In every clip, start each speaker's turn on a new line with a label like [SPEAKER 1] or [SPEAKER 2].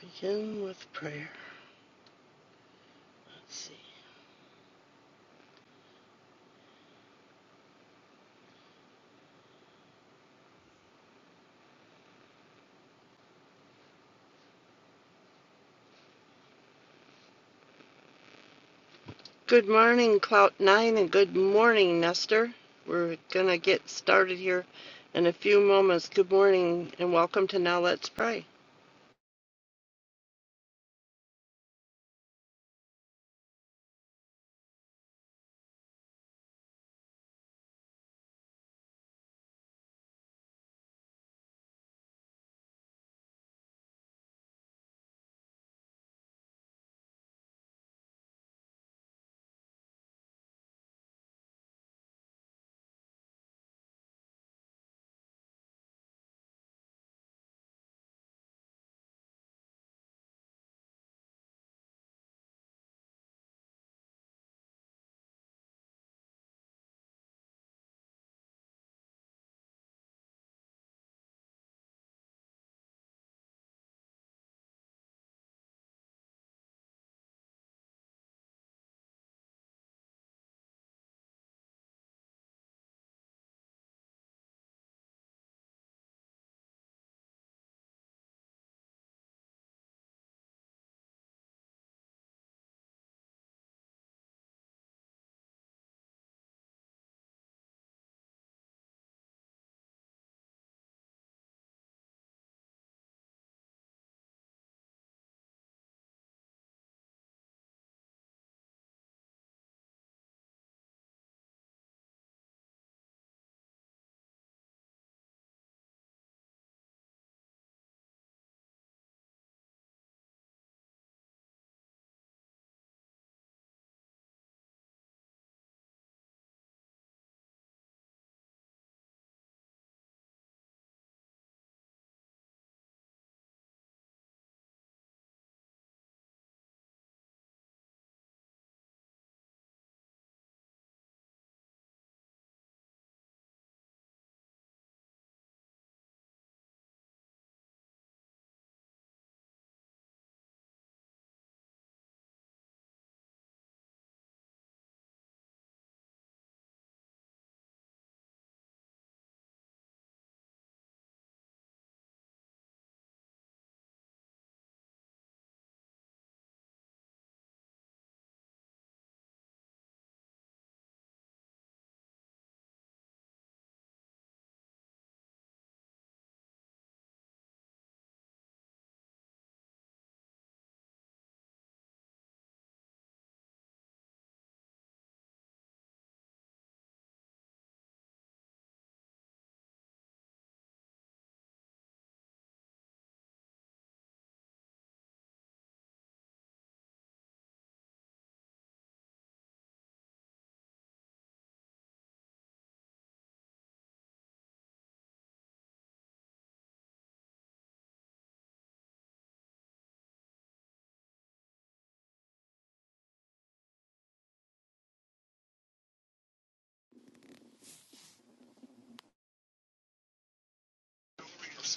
[SPEAKER 1] Begin with prayer. Let's see. Good morning, Cloud Nine, and good morning, Nestor. We're gonna get started here in a few moments. Good morning, and welcome to Now Let's Pray.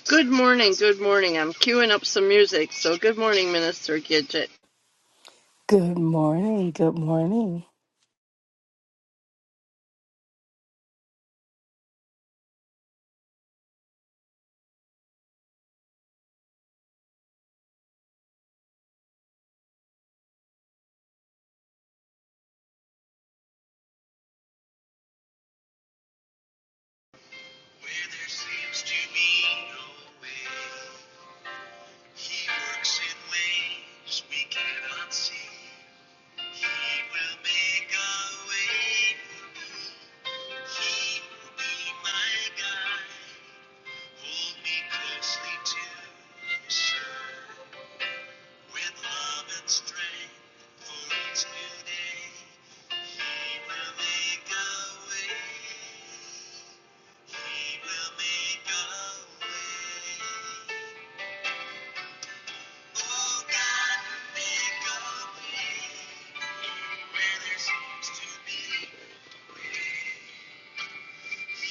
[SPEAKER 1] Good morning, good morning. I'm queuing up some music, so good morning, Minister Gidget.
[SPEAKER 2] Good morning. Good morning.
[SPEAKER 1] no He will be my guide, hold me closely to his side. With love and strength for each new day, he will make a way. He will make a way. Oh God, make a way where there seems to be no way. Thank you.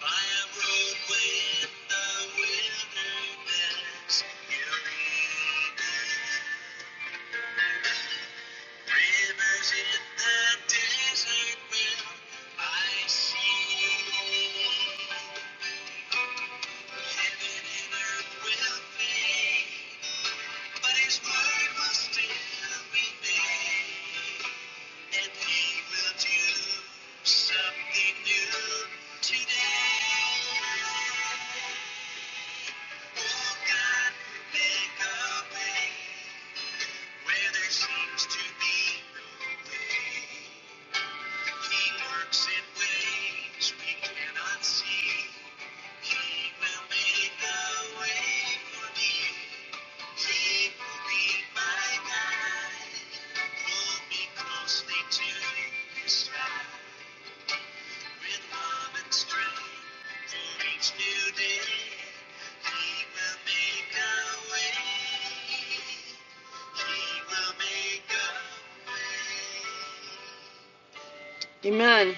[SPEAKER 1] By a roadway in the wilderness, you lead me. Rivers in the desert will I see. Heaven and earth will fade, but His word will still remain. And he will do something new today. Oh God, make a way where there seems to be no way. Amen.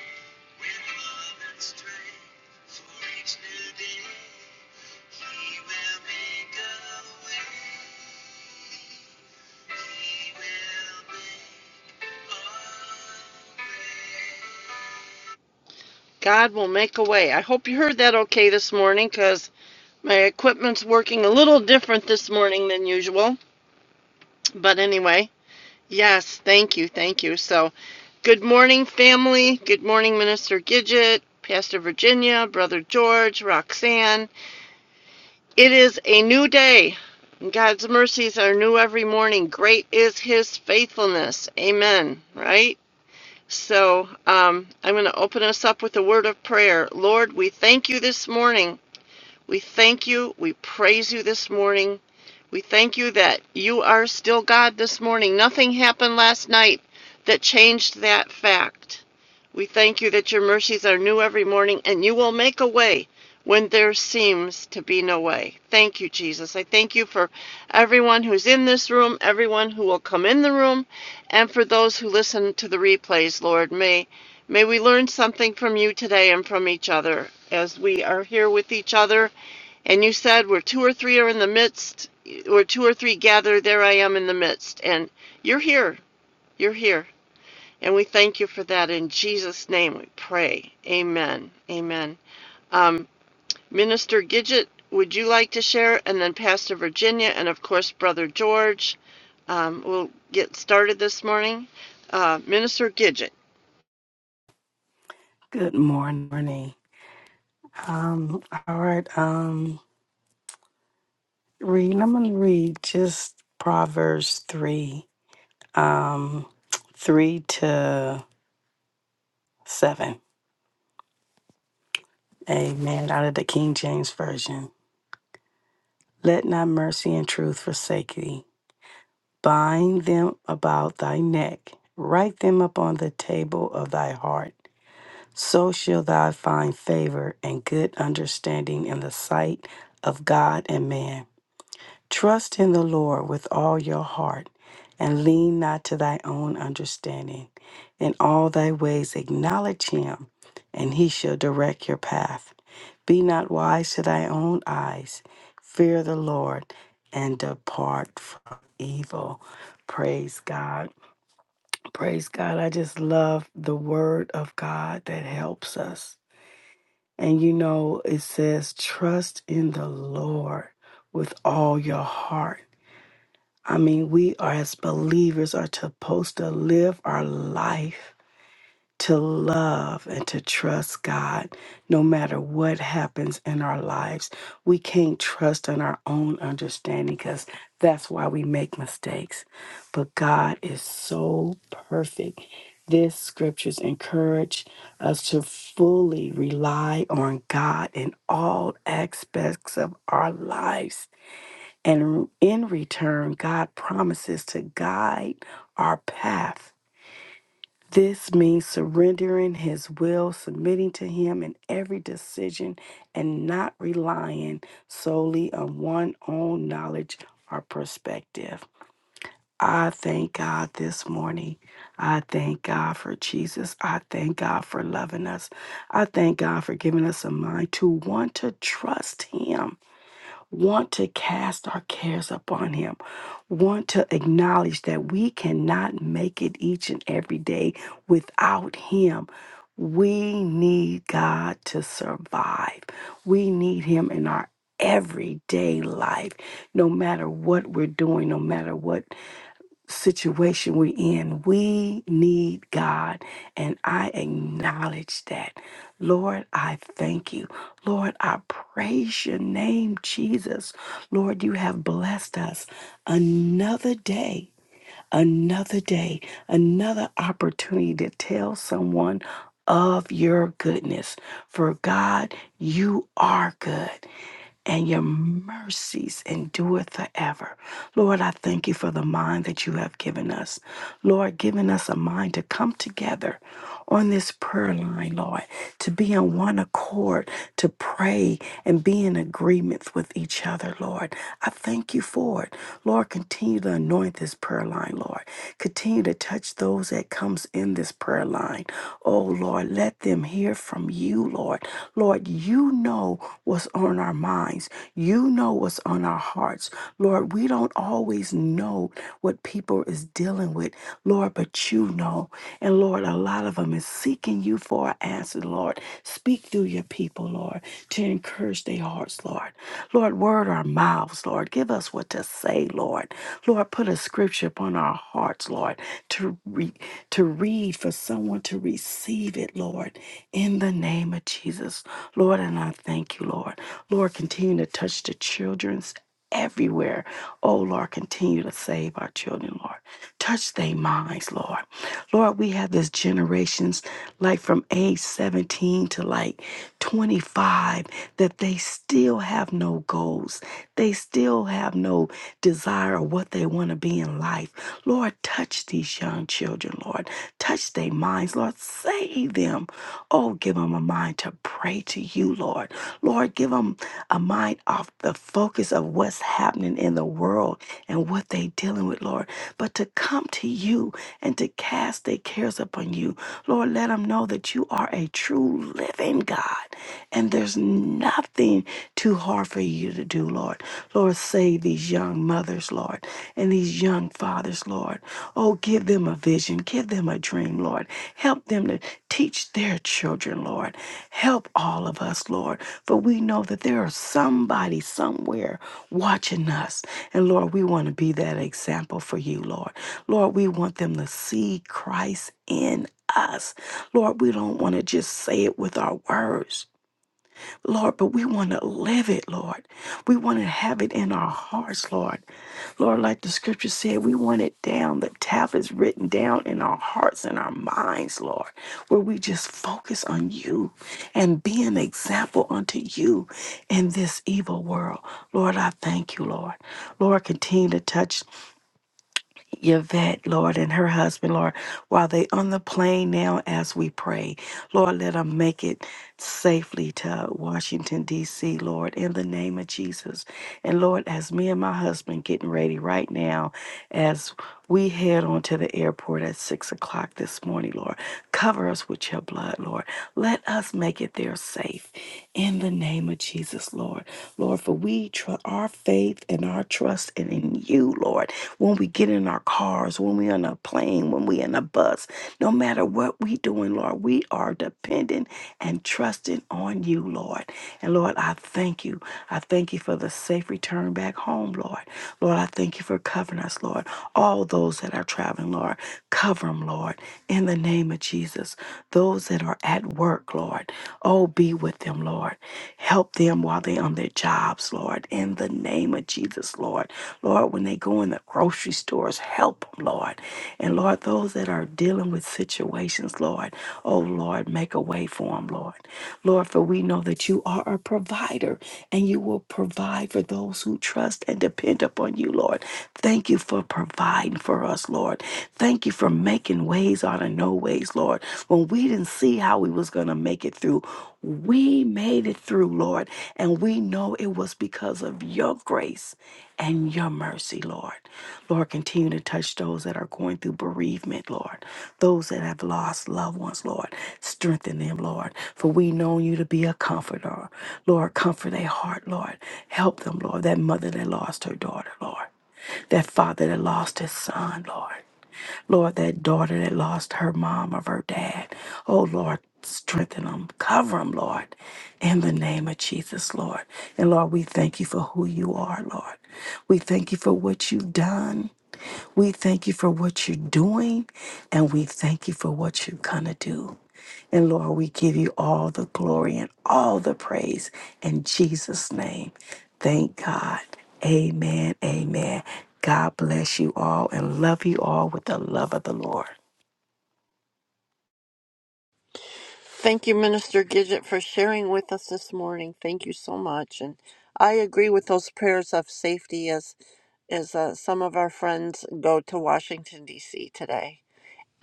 [SPEAKER 1] God will make a way. I hope you heard that okay this morning because my equipment's working a little different this morning than usual. But anyway, yes, thank you, thank you. So, Good morning, family. Good morning, Minister Gidget, Pastor Virginia, Brother George, Roxanne. It is a new day. and God's mercies are new every morning. Great is his faithfulness. Amen. Right? So um, I'm going to open us up with a word of prayer. Lord, we thank you this morning. We thank you. We praise you this morning. We thank you that you are still God this morning. Nothing happened last night that changed that fact. We thank you that your mercies are new every morning, and you will make a way when there seems to be no way. Thank you, Jesus. I thank you for everyone who's in this room, everyone who will come in the room, and for those who listen to the replays, Lord. May may we learn something from you today and from each other as we are here with each other. And you said where two or three are in the midst, where two or three gather, there I am in the midst. And you're here. You're here. And we thank you for that. In Jesus' name we pray. Amen. Amen. Um, Minister Gidget, would you like to share? And then Pastor Virginia, and of course, Brother George. Um, we'll get started this morning. Uh, Minister Gidget.
[SPEAKER 2] Good morning. Um, all right. Um, read. I'm gonna read just Proverbs three, um, three to seven. Amen. Out of the King James version. Let not mercy and truth forsake thee. Bind them about thy neck. Write them upon the table of thy heart. So shall thou find favor and good understanding in the sight of God and man. Trust in the Lord with all your heart and lean not to thy own understanding. In all thy ways acknowledge him, and he shall direct your path. Be not wise to thy own eyes. Fear the Lord and depart from evil. Praise God. Praise God. I just love the word of God that helps us. And you know, it says, trust in the Lord with all your heart I mean, we are as believers are supposed to live our life to love and to trust God no matter what happens in our lives. We can't trust in our own understanding because that's why we make mistakes. But God is so perfect. This scriptures encourage us to fully rely on God in all aspects of our lives and in return, God promises to guide our path. This means surrendering His will, submitting to Him in every decision, and not relying solely on one's own knowledge or perspective. I thank God this morning. I thank God for Jesus. I thank God for loving us. I thank God for giving us a mind to want to trust Him want to cast our cares upon Him, want to acknowledge that we cannot make it each and every day without Him. We need God to survive. We need Him in our everyday life, no matter what we're doing, no matter what situation we're in, we need God. And I acknowledge that. Lord, I thank you. Lord, I praise your name, Jesus. Lord, you have blessed us another day, another day, another opportunity to tell someone of your goodness. For God, you are good and your mercies endure forever. Lord, I thank you for the mind that you have given us. Lord, giving us a mind to come together on this prayer line, Lord, to be on one accord, to pray and be in agreement with each other, Lord. I thank you for it. Lord, continue to anoint this prayer line, Lord. Continue to touch those that comes in this prayer line. Oh, Lord, let them hear from you, Lord. Lord, you know what's on our minds. You know what's on our hearts. Lord, we don't always know what people is dealing with Lord, but you know. And Lord, a lot of them is seeking you for an answer, Lord. Speak through your people, Lord, to encourage their hearts, Lord. Lord, word our mouths, Lord. Give us what to say, Lord. Lord, put a scripture upon our hearts, Lord, to read, to read for someone to receive it, Lord, in the name of Jesus. Lord, and I thank you, Lord. Lord, continue to touch the children's everywhere. Oh Lord, continue to save our children, Lord. Touch their minds, Lord. Lord, we have this generations like from age 17 to like 25 that they still have no goals. They still have no desire of what they want to be in life. Lord, touch these young children, Lord. Touch their minds, Lord. Save them. Oh, give them a mind to pray to you, Lord. Lord, give them a mind off the focus of what's happening in the world and what they dealing with, Lord, but to come to you and to cast their cares upon you. Lord, let them know that you are a true living God and there's nothing too hard for you to do, Lord. Lord, save these young mothers, Lord, and these young fathers, Lord. Oh, give them a vision, give them a dream, Lord. Help them to teach their children, Lord. Help all of us, Lord. For we know that there is somebody somewhere watching us. And Lord, we want to be that example for you, Lord. Lord, we want them to see Christ in us. Lord, we don't want to just say it with our words, Lord, but we want to live it, Lord. We want to have it in our hearts, Lord. Lord, like the scripture said, we want it down. The tablets written down in our hearts and our minds, Lord, where we just focus on you and be an example unto you in this evil world. Lord, I thank you, Lord. Lord, continue to touch. Yvette, Lord, and her husband, Lord, while they on the plane now as we pray. Lord, let them make it safely to Washington, D.C., Lord, in the name of Jesus. And Lord, as me and my husband getting ready right now, as we head on to the airport at six o'clock this morning, Lord. Cover us with your blood, Lord. Let us make it there safe in the name of Jesus, Lord. Lord, for we tr- our faith and our trust and in you, Lord. When we get in our cars, when we on a plane, when we in a bus. No matter what we doing, Lord, we are dependent and trusting on you, Lord. And Lord, I thank you. I thank you for the safe return back home, Lord. Lord, I thank you for covering us, Lord. All those that are traveling, Lord, cover them, Lord, in the name of Jesus. Those that are at work, Lord, oh, be with them, Lord. Help them while they're on their jobs, Lord, in the name of Jesus, Lord. Lord, when they go in the grocery stores, help them, Lord. And Lord, those that are dealing with situations, Lord, oh Lord, make a way for them, Lord. Lord, for we know that you are a provider and you will provide for those who trust and depend upon you, Lord. Thank you for providing for us, Lord. Thank you for making ways out of no ways, Lord. When we didn't see how we was going to make it through, we made it through, Lord. And we know it was because of your grace and your your mercy, Lord. Lord, continue to touch those that are going through bereavement, Lord. Those that have lost loved ones, Lord. Strengthen them, Lord. For we know you to be a comforter. Lord, comfort their heart, Lord. Help them, Lord. That mother that lost her daughter, Lord. That father that lost his son, Lord. Lord, that daughter that lost her mom or her dad. Oh, Lord, strengthen them, cover them, Lord, in the name of Jesus, Lord. And Lord, we thank you for who you are, Lord. We thank you for what you've done. We thank you for what you're doing, and we thank you for what you're going to do. And Lord, we give you all the glory and all the praise in Jesus' name. Thank God. Amen. Amen. God bless you all and love you all with the love of the Lord.
[SPEAKER 1] Thank you, Minister Gidget, for sharing with us this morning. Thank you so much. And I agree with those prayers of safety as, as uh, some of our friends go to Washington, D.C. today.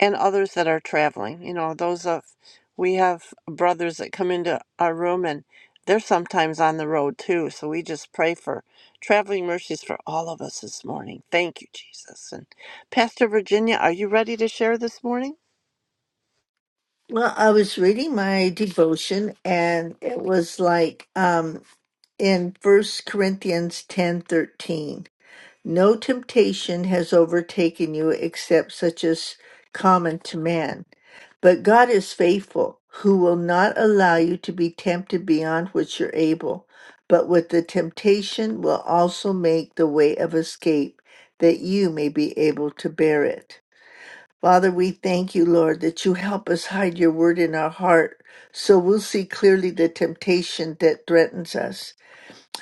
[SPEAKER 1] and others that are traveling. You know, those of we have brothers that come into our room and they're sometimes on the road too. So we just pray for traveling mercies for all of us this morning. Thank you, Jesus. And Pastor Virginia, are you ready to share this morning?
[SPEAKER 3] Well, I was reading my devotion and it was like um in First Corinthians ten thirteen. No temptation has overtaken you except such as common to man. But God is faithful, who will not allow you to be tempted beyond what you're able, but with the temptation will also make the way of escape that you may be able to bear it. Father, we thank you, Lord, that you help us hide your word in our heart so we'll see clearly the temptation that threatens us.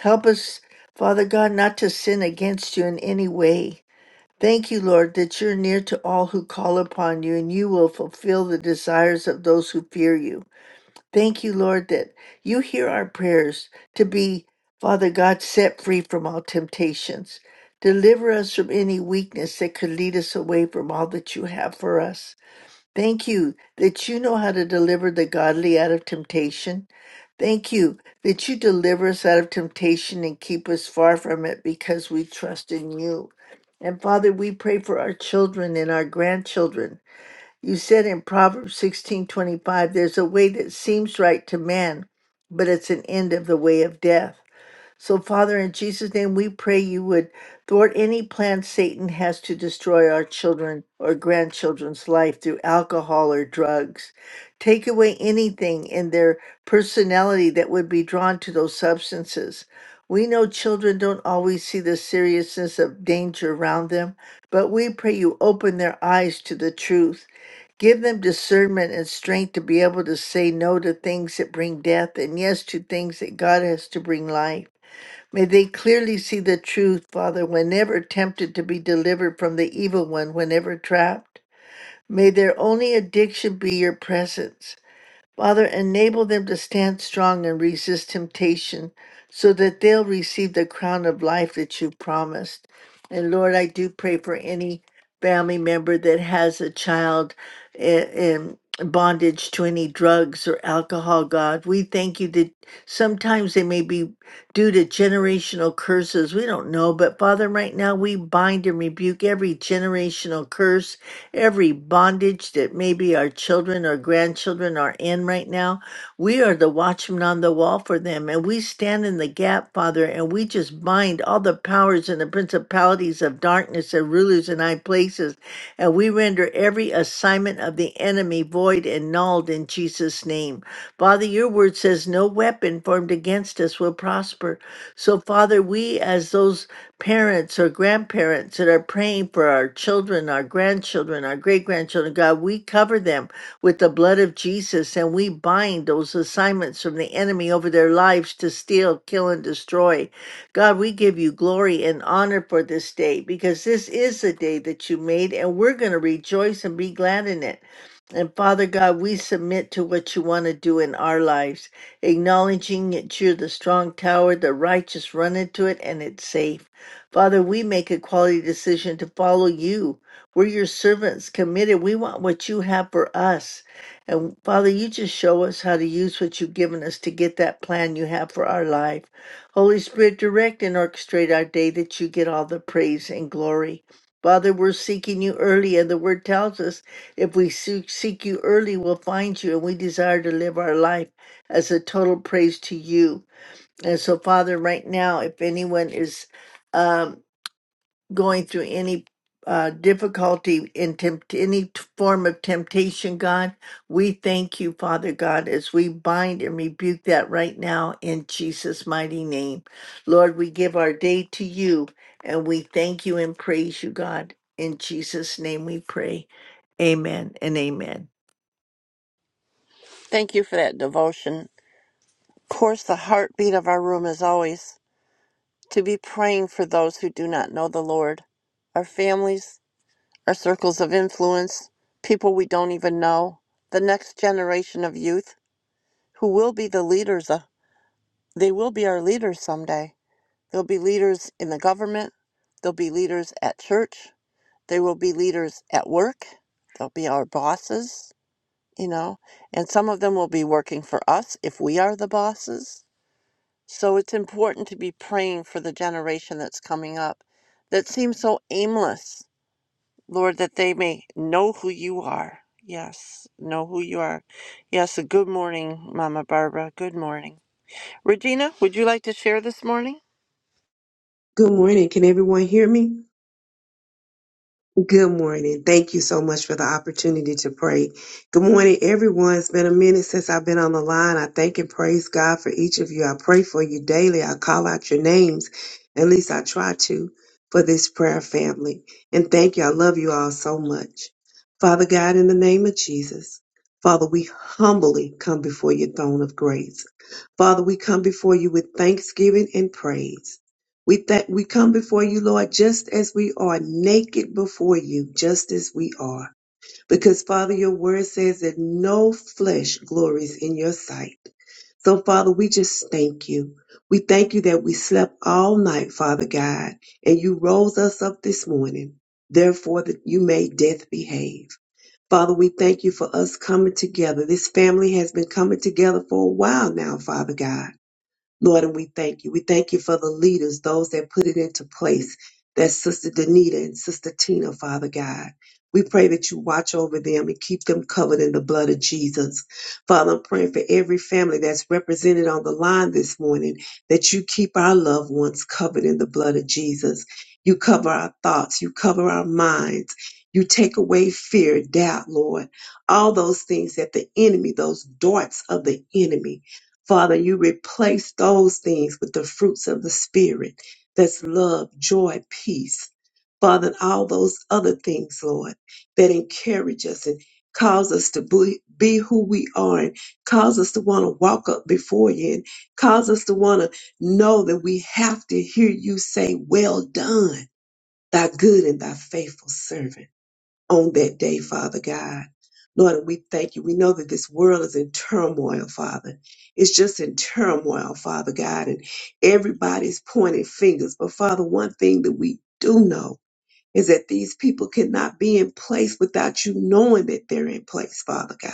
[SPEAKER 3] Help us, Father God, not to sin against you in any way. Thank you, Lord, that you're near to all who call upon you and you will fulfill the desires of those who fear you. Thank you, Lord, that you hear our prayers to be, Father God, set free from all temptations. Deliver us from any weakness that could lead us away from all that you have for us. Thank you that you know how to deliver the godly out of temptation. Thank you that you deliver us out of temptation and keep us far from it because we trust in you. And Father, we pray for our children and our grandchildren. You said in Proverbs 16:25, there's a way that seems right to man, but it's an end of the way of death. So, Father, in Jesus' name, we pray you would thwart any plan Satan has to destroy our children or grandchildren's life through alcohol or drugs. Take away anything in their personality that would be drawn to those substances. We know children don't always see the seriousness of danger around them, but we pray you open their eyes to the truth. Give them discernment and strength to be able to say no to things that bring death and yes to things that God has to bring life. May they clearly see the truth, Father, whenever tempted to be delivered from the evil one, whenever trapped. May their only addiction be your presence. Father, enable them to stand strong and resist temptation so that they'll receive the crown of life that you promised. And Lord, I do pray for any family member that has a child i- in bondage to any drugs or alcohol, God. We thank you that sometimes they may be due to generational curses. We don't know. But Father, right now we bind and rebuke every generational curse every bondage that maybe our children or grandchildren are in right now. We are the watchman on the wall for them, and we stand in the gap, Father, and we just bind all the powers and the principalities of darkness and rulers in high places, and we render every assignment of the enemy void and nulled in Jesus' name. Father, your word says no weapon formed against us will prosper. So, Father, we as those parents or grandparents that are praying for our children, our grandchildren, our great grandchildren. God, we cover them with the blood of Jesus and we bind those assignments from the enemy over their lives to steal, kill, and destroy. God, we give you glory and honor for this day because this is the day that you made and we're going to rejoice and be glad in it. And Father God, we submit to what you want to do in our lives, acknowledging that you're the strong tower, the righteous run into it, and it's safe. Father, we make a quality decision to follow you. We're your servants, committed. We want what you have for us. And Father, you just show us how to use what you've given us to get that plan you have for our life. Holy Spirit, direct and orchestrate our day that you get all the praise and glory. Father, we're seeking you early, and the word tells us if we seek seek you early, we'll find you, and we desire to live our life as a total praise to you. And so, Father, right now, if anyone is. Um, going through any uh, difficulty in tempt- any t- form of temptation, God. We thank you, Father God, as we bind and rebuke that right now in Jesus' mighty name. Lord, we give our day to you and we thank you and praise you, God. In Jesus' name we pray. Amen and amen.
[SPEAKER 1] Thank you for that devotion. Of course, the heartbeat of our room is always to be praying for those who do not know the Lord, our families, our circles of influence, people we don't even know, the next generation of youth. who will be the leaders. uh, They will be our leaders someday. They'll be leaders in the government. They'll be leaders at church. They will be leaders at work. They'll be our bosses, you know, and some of them will be working for us if we are the bosses. So it's important to be praying for the generation that's coming up that seems so aimless, Lord, that they may know who you are. Yes, know who you are. Yes, good morning, Mama Barbara. Good morning. Regina, would you like to share this morning?
[SPEAKER 4] Good morning. Can everyone hear me? Good morning. Thank you so much for the opportunity to pray. Good morning, everyone. It's been a minute since I've been on the line. I thank and praise God for each of you. I pray for you daily. I call out your names. At least I try to for this prayer family. And thank you. I love you all so much. Father God, in the name of Jesus, Father, we humbly come before your throne of grace. Father, we come before you with thanksgiving and praise. We thank we come before you, Lord, just as we are, naked before you, just as we are. Because Father, your word says that no flesh glories in your sight. So, Father, we just thank you. We thank you that we slept all night, Father God, and you rose us up this morning. Therefore, that you made death behave. Father, we thank you for us coming together. This family has been coming together for a while now, Father God. Lord, and we thank you. We thank you for the leaders, those that put it into place. That's Sister Danita and Sister Tina, Father God. We pray that you watch over them and keep them covered in the blood of Jesus. Father, I'm praying for every family that's represented on the line this morning that you keep our loved ones covered in the blood of Jesus. You cover our thoughts, you cover our minds, you take away fear, doubt, Lord. All those things that the enemy, those darts of the enemy, Father, you replace those things with the fruits of the Spirit. That's love, joy, peace. Father, and all those other things, Lord, that encourage us and cause us to be, be who we are and cause us to want to walk up before you and cause us to want to know that we have to hear you say, well done, thy good and thy faithful servant on that day, Father God. Lord, and we thank you. We know that this world is in turmoil, Father. It's just in turmoil, Father God, and everybody's pointing fingers. But Father, one thing that we do know is that these people cannot be in place without you knowing that they're in place, Father God.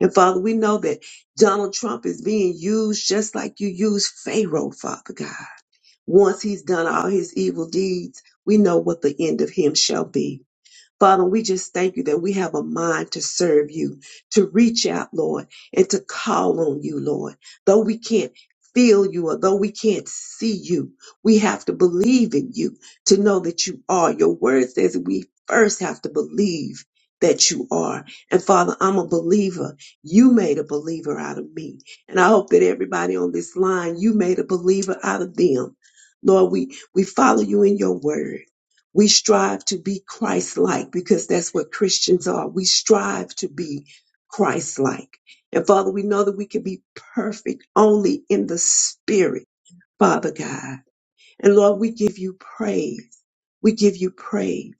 [SPEAKER 4] And Father, we know that Donald Trump is being used just like you used Pharaoh, Father God. Once he's done all his evil deeds, we know what the end of him shall be. Father, we just thank you that we have a mind to serve you, to reach out, Lord, and to call on you, Lord. Though we can't feel you or though we can't see you, we have to believe in you to know that you are. Your word says we first have to believe that you are. And Father, I'm a believer. You made a believer out of me. And I hope that everybody on this line, you made a believer out of them. Lord, we, we follow you in your word. We strive to be Christ like because that's what Christians are. We strive to be Christ like. And Father, we know that we can be perfect only in the Spirit, Father God. And Lord, we give you praise. We give you praise.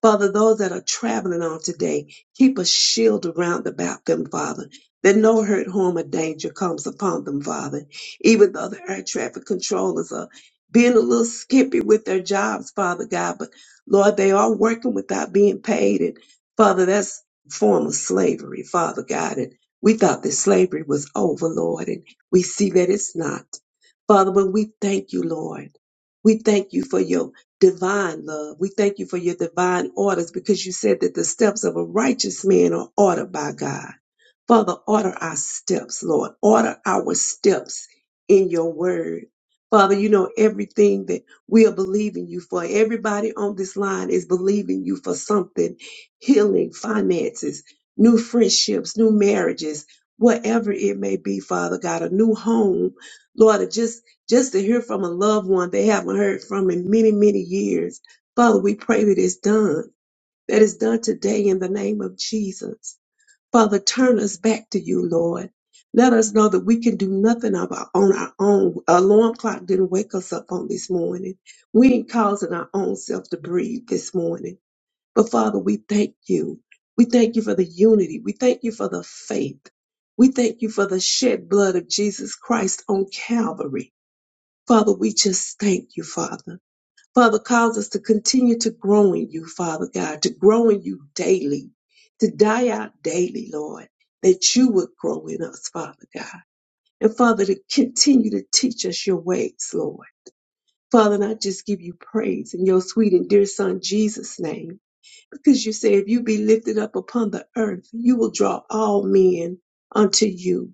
[SPEAKER 4] Father, those that are traveling on today, keep a shield around about them, Father, that no hurt, harm, or danger comes upon them, Father. Even though the air traffic controllers are being a little skippy with their jobs, Father God, but Lord, they are working without being paid. And Father, that's a form of slavery, Father God. And we thought that slavery was over, Lord, and we see that it's not. Father, but we thank you, Lord. We thank you for your divine love. We thank you for your divine orders because you said that the steps of a righteous man are ordered by God. Father, order our steps, Lord. Order our steps in your word. Father, you know everything that we are believing you for. Everybody on this line is believing you for something healing, finances, new friendships, new marriages, whatever it may be, Father God, a new home. Lord, or just, just to hear from a loved one they haven't heard from in many, many years. Father, we pray that it's done, that it's done today in the name of Jesus. Father, turn us back to you, Lord. Let us know that we can do nothing of our, on our own. Our Alarm clock didn't wake us up on this morning. We ain't causing our own self to breathe this morning. But Father, we thank you. We thank you for the unity. We thank you for the faith. We thank you for the shed blood of Jesus Christ on Calvary. Father, we just thank you, Father. Father, cause us to continue to grow in you, Father God, to grow in you daily, to die out daily, Lord, that you would grow in us, Father God. And Father, to continue to teach us your ways, Lord. Father, and I just give you praise in your sweet and dear Son, Jesus' name, because you say, if you be lifted up upon the earth, you will draw all men unto you.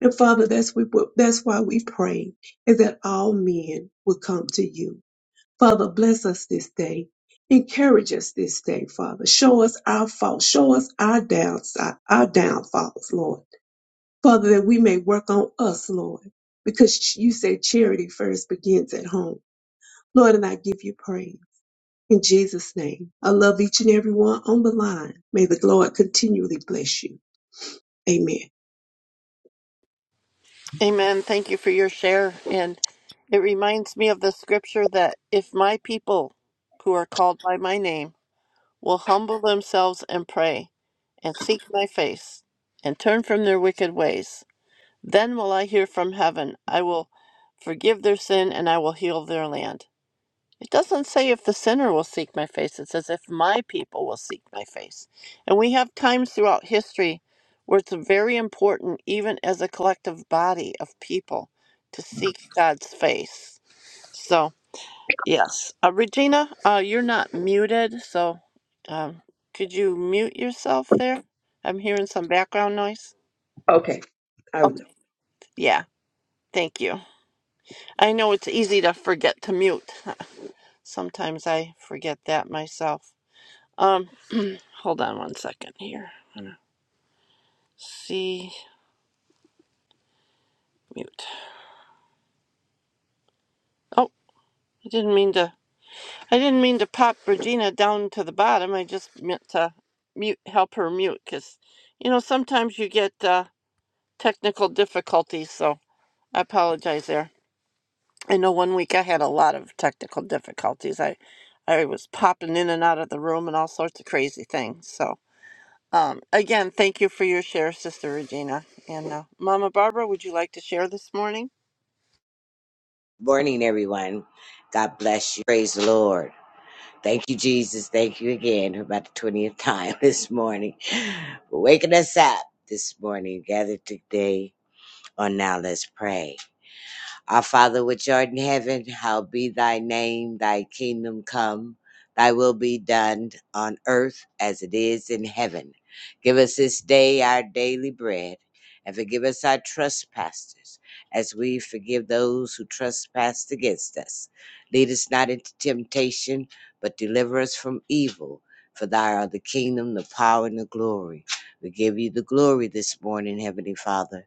[SPEAKER 4] And Father, that's, we, that's why we pray, is that all men will come to you. Father, bless us this day. Encourage us this day, Father. Show us our faults. Show us our downside, our downfalls, Lord. Father, that we may work on us, Lord, because you say charity first begins at home. Lord, and I give you praise. In Jesus' name, I love each and every one on the line. May the Lord continually bless you. Amen.
[SPEAKER 1] Amen. Thank you for your share. And it reminds me of the scripture that if my people who are called by my name will humble themselves and pray and seek my face and turn from their wicked ways, then will I hear from heaven. I will forgive their sin and I will heal their land. It doesn't say if the sinner will seek my face, it says if my people will seek my face. And we have times throughout history where it's very important, even as a collective body of people, to seek God's face. So, yes. Uh, Regina, uh, you're not muted, so um, could you mute yourself there? I'm hearing some background noise.
[SPEAKER 4] Okay, I will.
[SPEAKER 1] Okay. Yeah, thank you. I know it's easy to forget to mute. Sometimes I forget that myself. Um. Hold on one second here. I'm gonna see mute. Oh, I didn't mean to. I didn't mean to pop Regina down to the bottom. I just meant to mute, help her mute, because you know sometimes you get uh, technical difficulties. So I apologize there. I know one week I had a lot of technical difficulties. I I was popping in and out of the room and all sorts of crazy things. So um, again, thank you for your share, Sister Regina. And uh, Mama Barbara, would you like to share this morning?
[SPEAKER 5] Morning, everyone. God bless you. Praise the Lord. Thank you, Jesus. Thank you again for about the 20th time this morning. For waking us up this morning, gathered today on Now Let's Pray. Our Father which art in heaven, hallowed be thy name, thy kingdom come, thy will be done on earth as it is in heaven. Give us this day our daily bread, and forgive us our trespasses, as we forgive those who trespass against us. Lead us not into temptation, but deliver us from evil. For thy are the kingdom, the power, and the glory. We give you the glory this morning, Heavenly Father.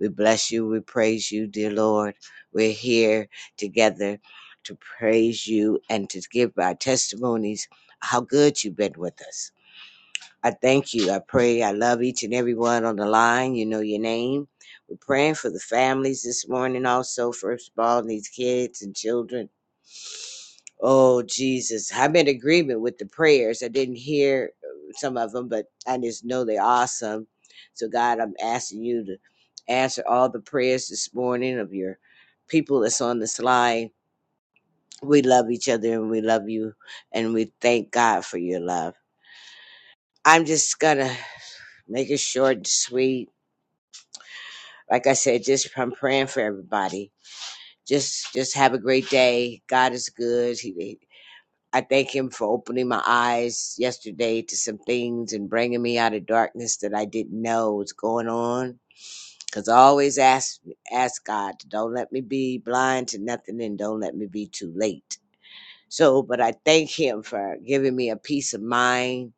[SPEAKER 5] We bless you, we praise you, dear Lord. We're here together to praise you and to give our testimonies how good you've been with us. I thank you. I pray. I love each and every one on the line. You know your name. We're praying for the families this morning, also, first of all, these kids and children. Oh, Jesus. I'm in agreement with the prayers. I didn't hear uh, some of them, but I just know they're awesome. So, God, I'm asking you to answer all the prayers this morning of your people that's on this line. We love each other and we love you, and we thank God for your love. I'm just gonna Make it short and sweet. Like I said, just I'm praying for everybody. Just just have a great day. God is good. He, he- I thank Him for opening my eyes yesterday to some things and bringing me out of darkness that I didn't know was going on. Cause I always ask ask God, don't let me be blind to nothing, and don't let me be too late. So, but I thank Him for giving me a peace of mind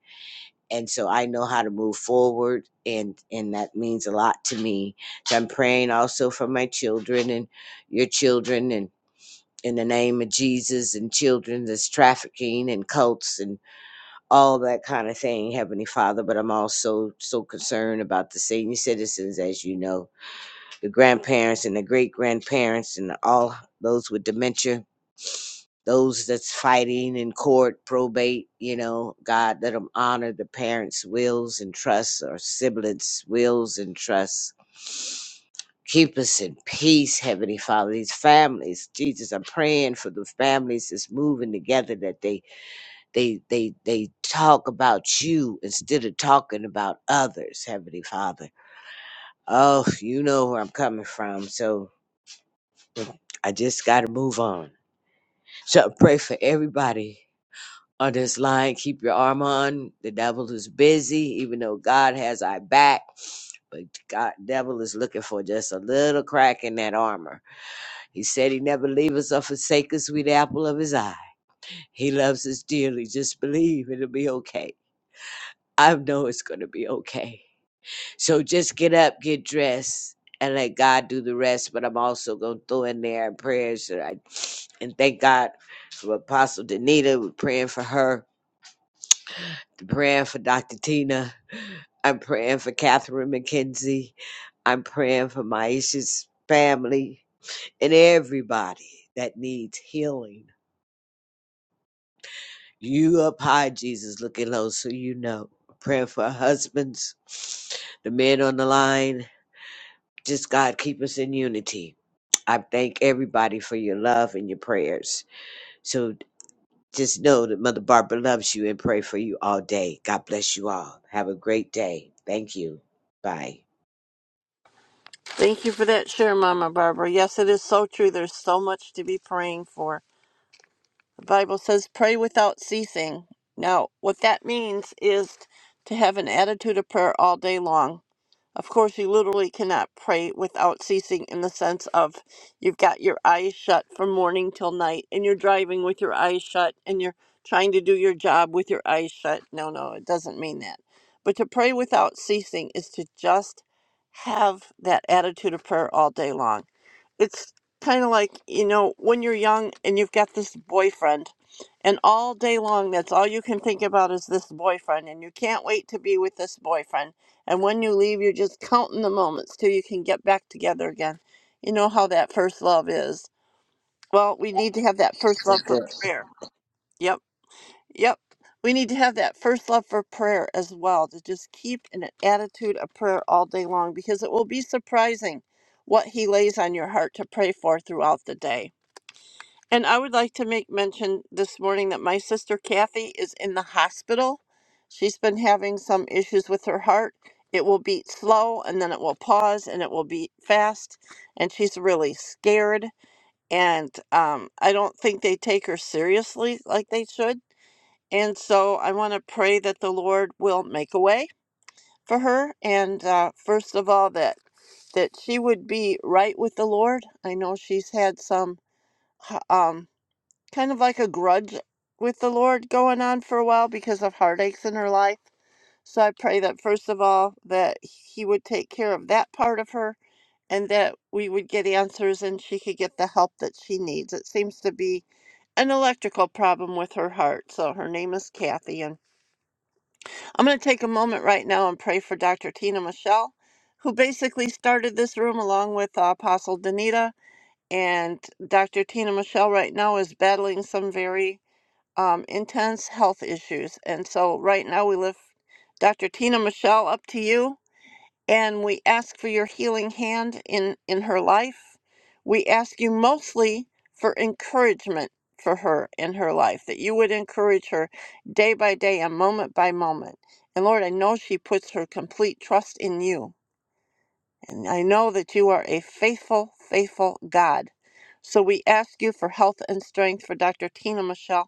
[SPEAKER 5] and so I know how to move forward, and and that means a lot to me. So I'm praying also for my children and your children, and in the name of Jesus, and children that's trafficking and cults and all that kind of thing, Heavenly Father. But I'm also so concerned about the senior citizens, as you know, the grandparents and the great grandparents, and all those with dementia those that's fighting in court, probate, you know, God, let them honor the parents' wills and trusts or siblings' wills and trusts. Keep us in peace, Heavenly Father. These families, Jesus, I'm praying for the families that's moving together that they they they they talk about you instead of talking about others, Heavenly Father. Oh, you know where I'm coming from, so I just gotta move on. So I pray for everybody on this line. Keep your arm on. The devil is busy, even though God has our back. But God, devil is looking for just a little crack in that armor. He said he never leave us or forsake us. We the apple of his eye. He loves us dearly. Just believe it'll be okay. I know it's gonna be okay. So just get up, get dressed, and let God do the rest. But I'm also gonna throw in there prayers that I and thank God for Apostle Danita. We're praying for her praying for Dr. Tina. I'm praying for Catherine McKenzie. I'm praying for Maisha's family and everybody that needs healing. You up high, Jesus, looking low, so you know. Praying for husbands, the men on the line. Just God, keep us in unity. I thank everybody for your love and your prayers. So just know that Mother Barbara loves you and pray for you all day. God bless you all. Have a great day. Thank you. Bye.
[SPEAKER 1] Thank you for that share, Mama Barbara. Yes, it is so true. There's so much to be praying for. The Bible says, pray without ceasing. Now, what that means is to have an attitude of prayer all day long. Of course, you literally cannot pray without ceasing in the sense of you've got your eyes shut from morning till night and you're driving with your eyes shut and you're trying to do your job with your eyes shut. No, no, it doesn't mean that. But to pray without ceasing is to just have that attitude of prayer all day long it's kind of like you know when you're young and you've got this boyfriend and all day long that's all you can think about is this boyfriend and you can't wait to be with this boyfriend and when you leave you're just counting the moments till you can get back together again you know how that first love is well we need to have that first
[SPEAKER 5] That's
[SPEAKER 1] love for
[SPEAKER 5] good.
[SPEAKER 1] prayer Yep. Yep. We need to have that first love for prayer as well to just keep an attitude of prayer all day long because it will be surprising what He lays on your heart to pray for throughout the day. And I would like to make mention this morning that my sister Kathy is in the hospital. She's been having some issues with her heart. It will beat slow and then it will pause and it will beat fast. And she's really scared. And um, I don't think they take her seriously like they should and so I want to pray that the Lord will make a way for her. And uh, first of all, that that she would be right with the Lord. I know she's had some h- um, kind of like a grudge with the Lord going on for a while because of heartaches in her life. So I pray that first of all that He would take care of that part of her, and that we would get answers and she could get the help that she needs. It seems to be an electrical problem with her heart. So her name is Kathy, and. I'm going to take a moment right now and pray for Dr. Tina Michelle, who basically started this room along with uh, Apostle Danita. And Dr. Tina Michelle right now is battling some very um, intense health issues. And so right now we lift Dr. Tina Michelle up to you and we ask for your healing hand in in her life we ask you mostly for encouragement for her in her life that you would encourage her day by day and moment by moment and lord i know she puts her complete trust in you and i know that you are a faithful faithful god so we ask you for health and strength for dr tina michelle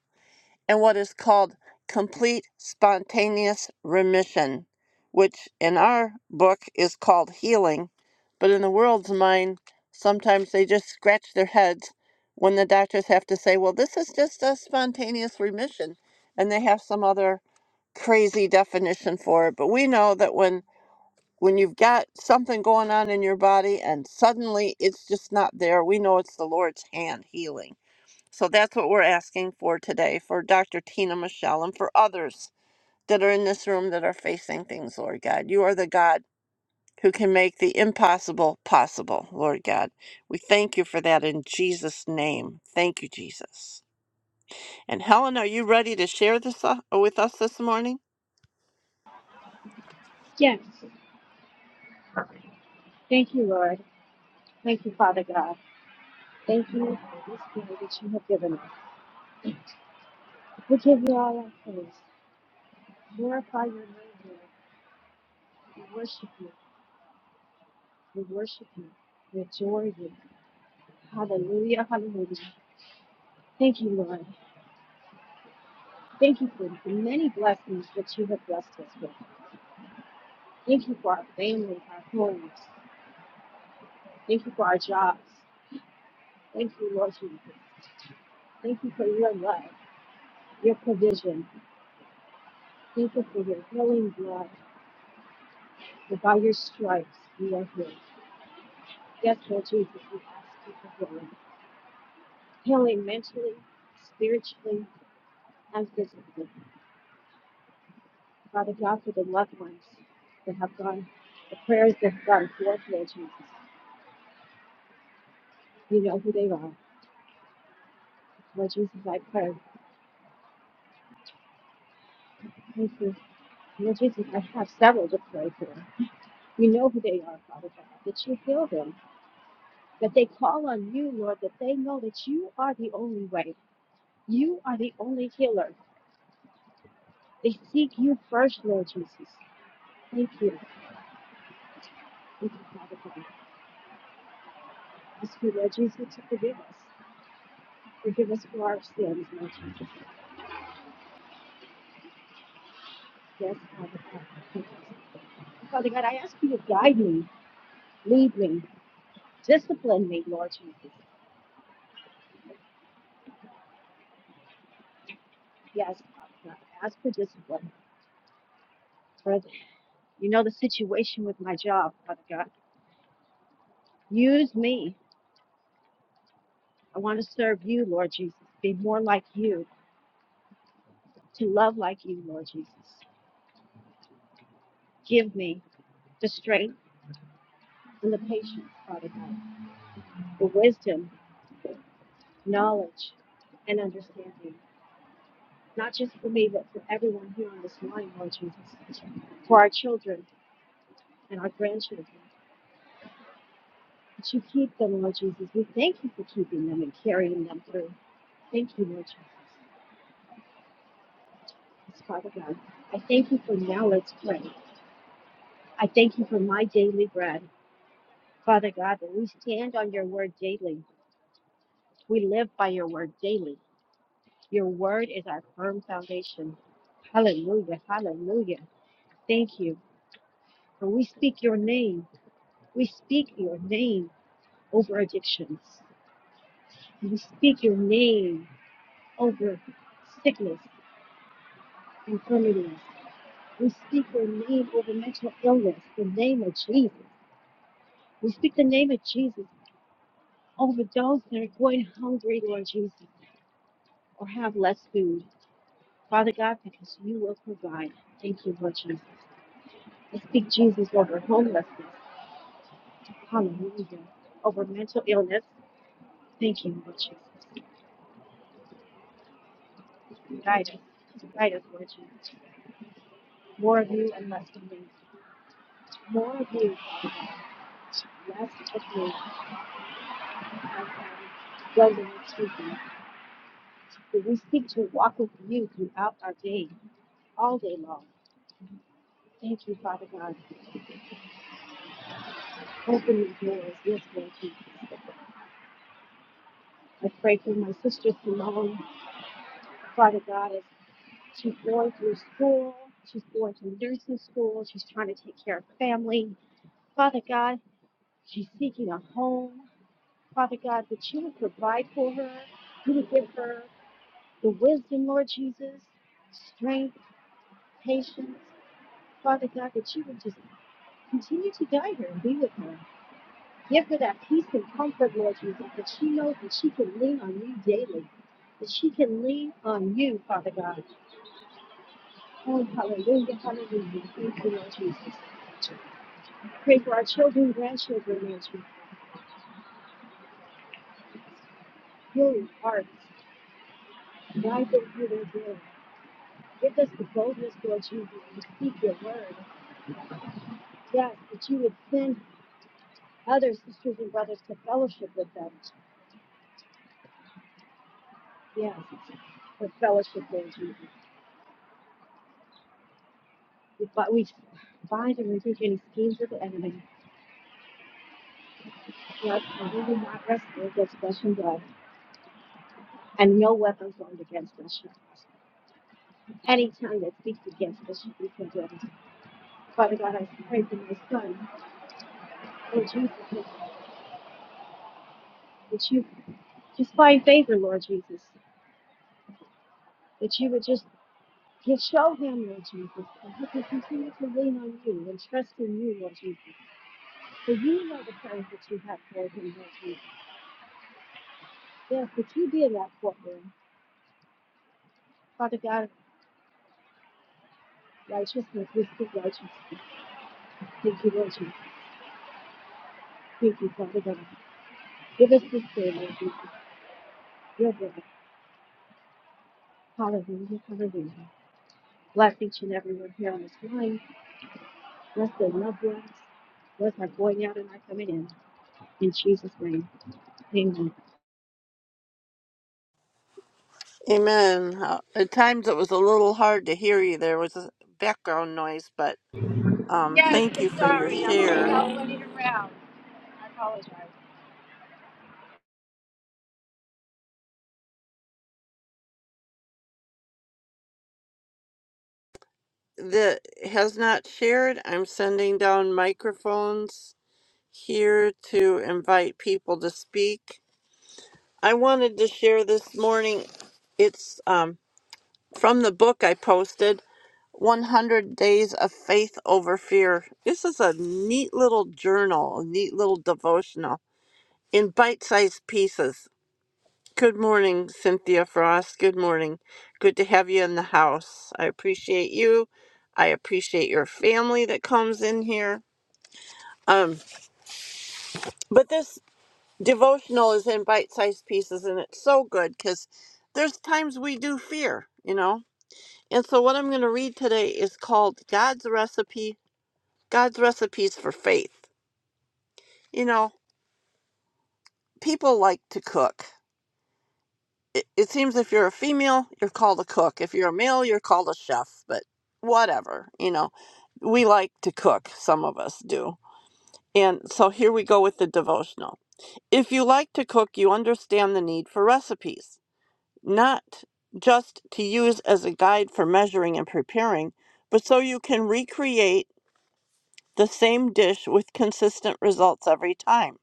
[SPEAKER 1] and what is called complete spontaneous remission, which in our book is called healing, but in the world's mind, sometimes they just scratch their heads when the doctors have to say, well, this is just a spontaneous remission, and they have some other crazy definition for it. But we know that when when you've got something going on in your body and suddenly it's just not there, we know it's the Lord's hand healing so that's what we're asking for today for Dr. Tina Michelle and for others that are in this room that are facing things, Lord God. You are the God who can make the impossible possible, Lord God. We thank you for that in Jesus' name. Thank you, Jesus. And Helen, are you ready to share this uh, with us this morning? Amen. Uh, At times it was a little hard to hear you. There was a background noise, but um,
[SPEAKER 6] Yes,
[SPEAKER 1] thank you
[SPEAKER 6] I'm
[SPEAKER 1] for your
[SPEAKER 6] sorry. I'm always
[SPEAKER 1] share.
[SPEAKER 6] out running around.
[SPEAKER 1] that has not shared, I'm sending down microphones here to invite people to speak. I wanted to share this morning. It's um, from the book I posted, 100 Days of Faith Over Fear. This is a neat little journal, a neat little devotional in bite sized pieces. Good morning, Cynthia Frost. Good morning. Good to have you in the house. I appreciate you. I appreciate your family that comes in here. Um, but this devotional is in bite-sized pieces, and it's so good because there's times we do fear, you know. And so what I'm going to read today is called God's recipe. God's recipes for faith. You know, people like to cook. it, it seems if you're a female, you're called a cook. If you're a male, you're called a chef, but whatever, you know. We like to cook, some of us do. And so here we go with the devotional. If you like to cook, you understand the need for recipes, not just to use as a guide for measuring and preparing, but so you can recreate the same dish with consistent results every time.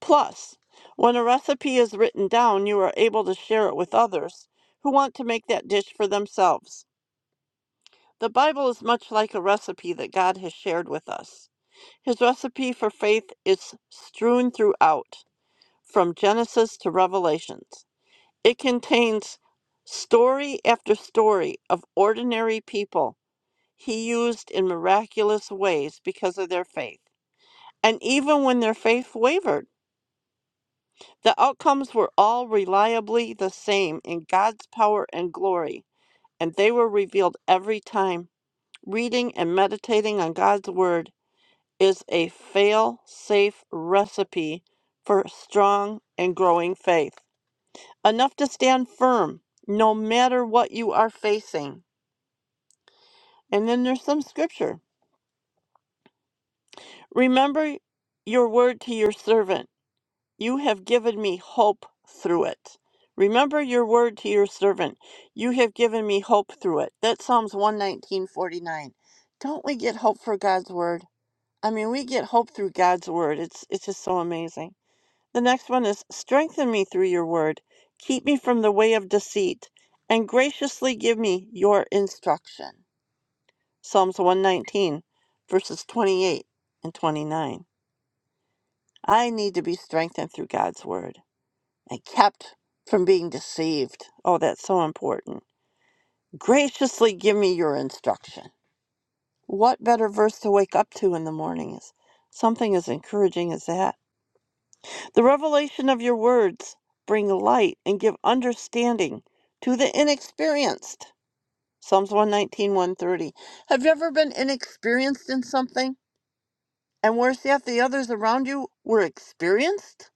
[SPEAKER 1] Plus, when a recipe is written down, you are able to share it with others who want to make that dish for themselves. The Bible is much like a recipe that God has shared with us. His recipe for faith is strewn throughout, from Genesis to Revelations. It contains story after story of ordinary people he used in miraculous ways because of their faith. And even when their faith wavered, The outcomes were all reliably the same in God's power and glory, and they were revealed every time. Reading and meditating on God's Word is a fail safe recipe for strong and growing faith. Enough to stand firm no matter what you are facing. And then there's some scripture. Remember your word to your servant You have given me hope through it. Remember your word to your servant. You have given me hope through it. That's Psalms 119:49. Don't we get hope for God's word? I mean, we get hope through God's word. It's it's just so amazing. The next one is strengthen me through your word. Keep me from the way of deceit and graciously give me your instruction. Psalms 119 verses 28 and 29. I need to be strengthened through God's word. and kept from being deceived. Oh, that's so important. Graciously give me your instruction. What better verse to wake up to in the morning is something as encouraging as that. The revelation of your words bring light and give understanding to the inexperienced. Psalms one nineteen one thirty. Have you ever been inexperienced in something? And worse yet, the others around you were experienced?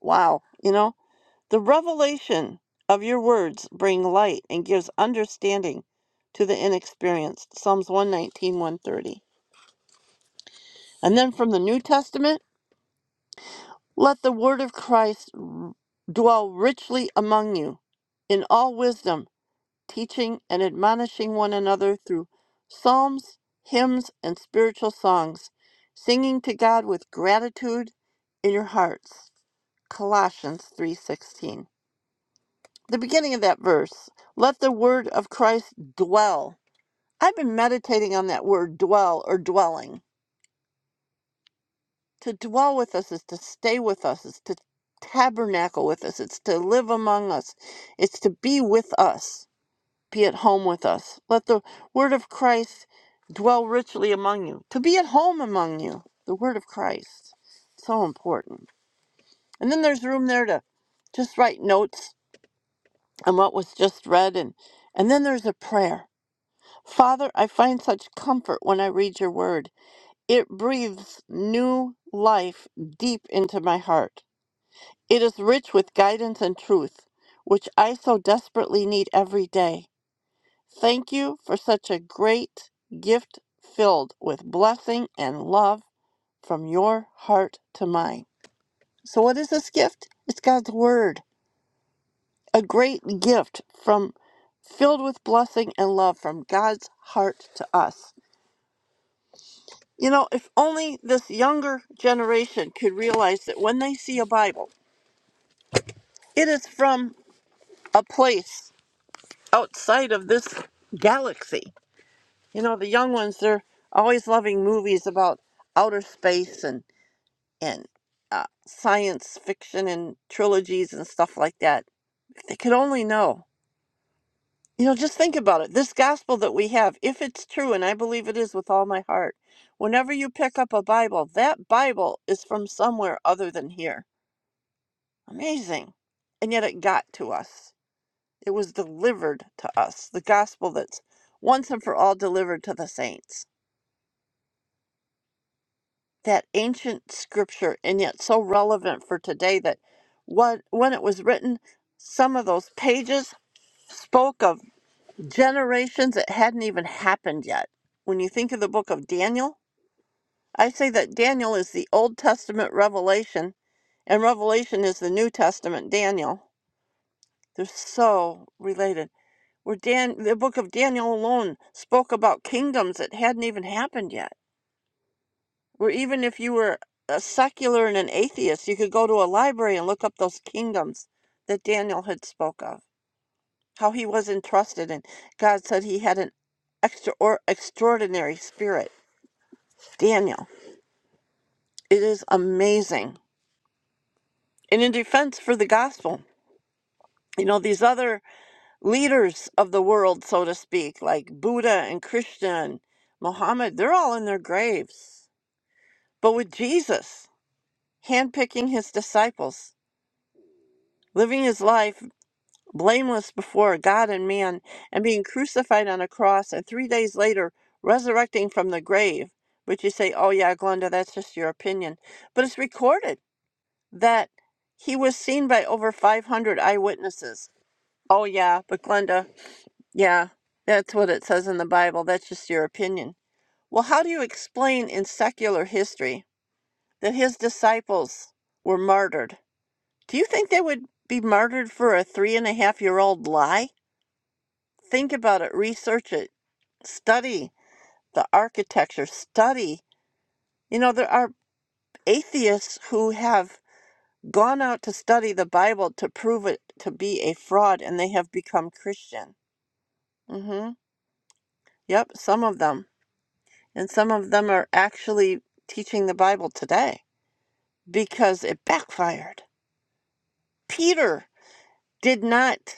[SPEAKER 1] Wow. You know, The revelation of your words bring light and gives understanding to the inexperienced. Psalms one nineteen one thirty. And then from the New Testament, let the word of Christ r- dwell richly among you in all wisdom, teaching and admonishing one another through psalms, hymns, and spiritual songs, singing to God with gratitude in your hearts. Colossians 3:16. the beginning of that verse let the word of Christ dwell. I've been meditating on that word dwell or dwelling. To dwell with us is to stay with us, is to tabernacle with us, it's to live among us, it's to be with us, be at home with us. Let the word of Christ dwell richly among you, to be at home among you. The word of Christ. So important. And then there's room there to just write notes on what was just read and and then there's a prayer Father, I find such comfort when I read your word. It breathes new life deep into my heart. It is rich with guidance and truth, which I so desperately need every day. Thank you for such a great gift filled with blessing and love from your heart to mine. So, what is this gift? It's God's word, a great gift from filled with blessing and love from God's heart to us. You know, if only this younger generation could realize that when they see a Bible, it is from a place outside of this galaxy. You know, the young ones, they're always loving movies about outer space and, and uh, science fiction and trilogies and stuff like that. If they could only know. You know, just think about it. This gospel that we have, if it's true, and I believe it is with all my heart, whenever you pick up a Bible, that Bible is from somewhere other than here Amazing. And yet it got to us. It was delivered to us, the gospel that's once and for all delivered to the saints. That ancient scripture, and yet so relevant for today that what, when it was written, some of those pages spoke of generations that hadn't even happened yet. When you think of the book of Daniel, I say that Daniel is the Old Testament revelation, and Revelation is the New Testament Daniel. They're so related where Dan, the book of Daniel alone spoke about kingdoms that hadn't even happened yet. Where even if you were a secular and an atheist, you could go to a library and look up those kingdoms that Daniel had spoke of. How he was entrusted, and God said he had an extra or extraordinary spirit. Daniel, it is amazing. And in defense for the gospel, you know these other leaders of the world, so to speak, like Buddha and Krishna and Muhammad, they're all in their graves But with Jesus, handpicking his disciples, living his life blameless before God and man, and being crucified on a cross, and three days later resurrecting from the grave, which you say, oh, yeah, Glenda, that's just your opinion. But it's recorded that he was seen by over 500 eyewitnesses. Oh, yeah, but Glenda, yeah, that's what it says in the Bible. That's just your opinion. Well, how do you explain in secular history that his disciples were martyred? Do you think they would be martyred for a three and a half year old lie? Think about it, research it, study the architecture, study. You know, there are atheists who have gone out to study the Bible to prove it to be a fraud and they have become Christian. hmm Yep, some of them. And some of them are actually teaching the Bible today because it backfired. Peter did not.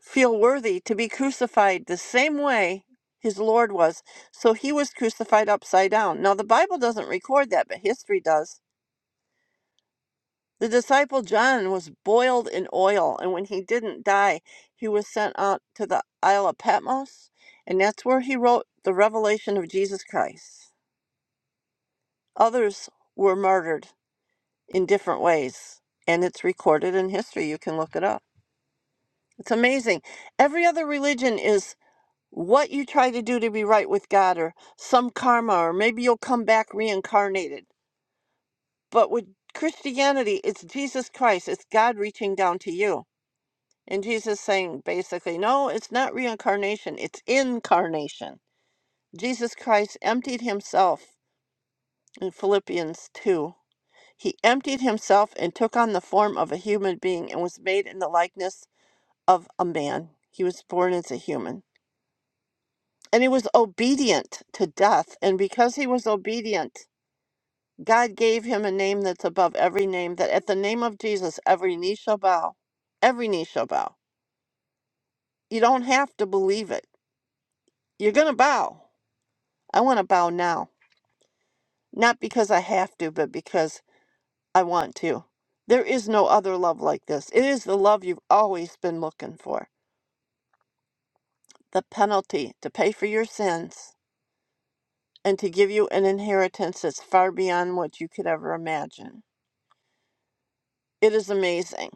[SPEAKER 1] feel worthy to be crucified the same way his Lord was. So he was crucified upside down. Now, the Bible doesn't record that, but history does. The disciple John was boiled in oil, and when he didn't die, he was sent out to the Isle of Patmos, and that's where he wrote the revelation of Jesus Christ. Others were martyred in different ways, and it's recorded in history. You can look it up. It's amazing. Every other religion is what you try to do to be right with God or some karma, or maybe you'll come back reincarnated. But with Christianity, it's Jesus Christ, it's God reaching down to you. And Jesus saying basically, no, it's not reincarnation, it's incarnation. Jesus Christ emptied himself in Philippians 2. He emptied himself and took on the form of a human being and was made in the likeness of a man. He was born as a human. and he was obedient to death. And because he was obedient, God gave him a name that's above every name, that at the name of Jesus, every knee shall bow. Every knee shall bow. You don't have to believe it. You're going to bow. I want to bow now, not because I have to, but because I want to. There is no other love like this. It is the love you've always been looking for. The penalty to pay for your sins and to give you an inheritance that's far beyond what you could ever imagine. It is amazing.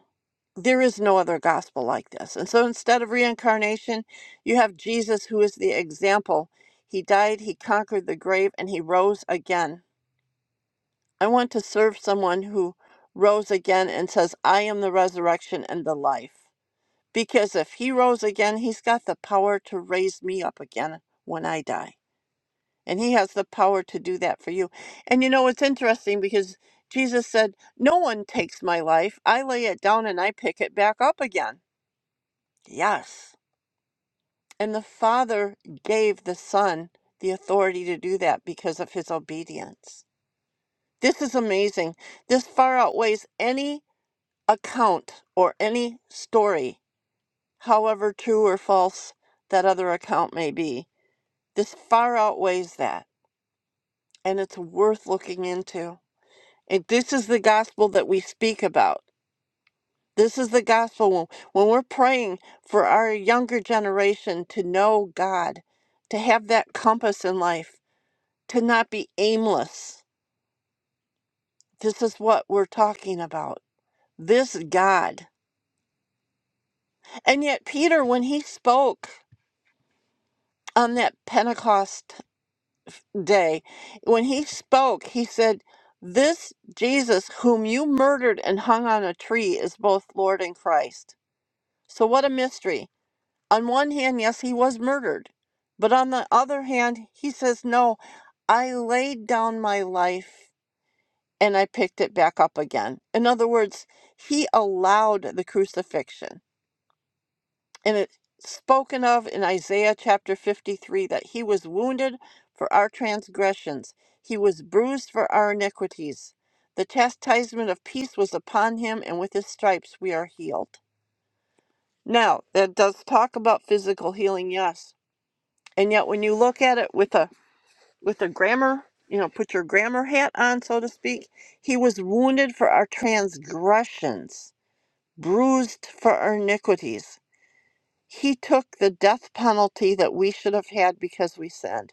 [SPEAKER 1] There is no other gospel like this. And so instead of reincarnation, you have Jesus, who is the example. He died, he conquered the grave, and he rose again. I want to serve someone who rose again and says, I am the resurrection and the life. Because if he rose again, he's got the power to raise me up again when I die. And he has the power to do that for you. And you know, it's interesting because Jesus said, No one takes my life. I lay it down and I pick it back up again. Yes. And the Father gave the Son the authority to do that because of his obedience. This is amazing. This far outweighs any account or any story, however true or false that other account may be. This far outweighs that. And it's worth looking into. And this is the gospel that we speak about. This is the gospel when, when we're praying for our younger generation to know God, to have that compass in life, to not be aimless. This is what we're talking about. This God. And yet, Peter, when he spoke on that Pentecost day, when he spoke, he said, This Jesus, whom you murdered and hung on a tree, is both Lord and Christ. So, what a mystery on one hand, yes, he was murdered. But on the other hand, he says, no, I laid down my life and I picked it back up again. In other words, he allowed the crucifixion. And it's spoken of in Isaiah chapter 53 that he was wounded for our transgressions, he was bruised for our iniquities. The chastisement of peace was upon him, and with his stripes we are healed. Now, that does talk about physical healing, yes And yet when you look at it with a with a grammar, you know, put your grammar hat on, so to speak, he was wounded for our transgressions, bruised for our iniquities. He took the death penalty that we should have had because we sinned.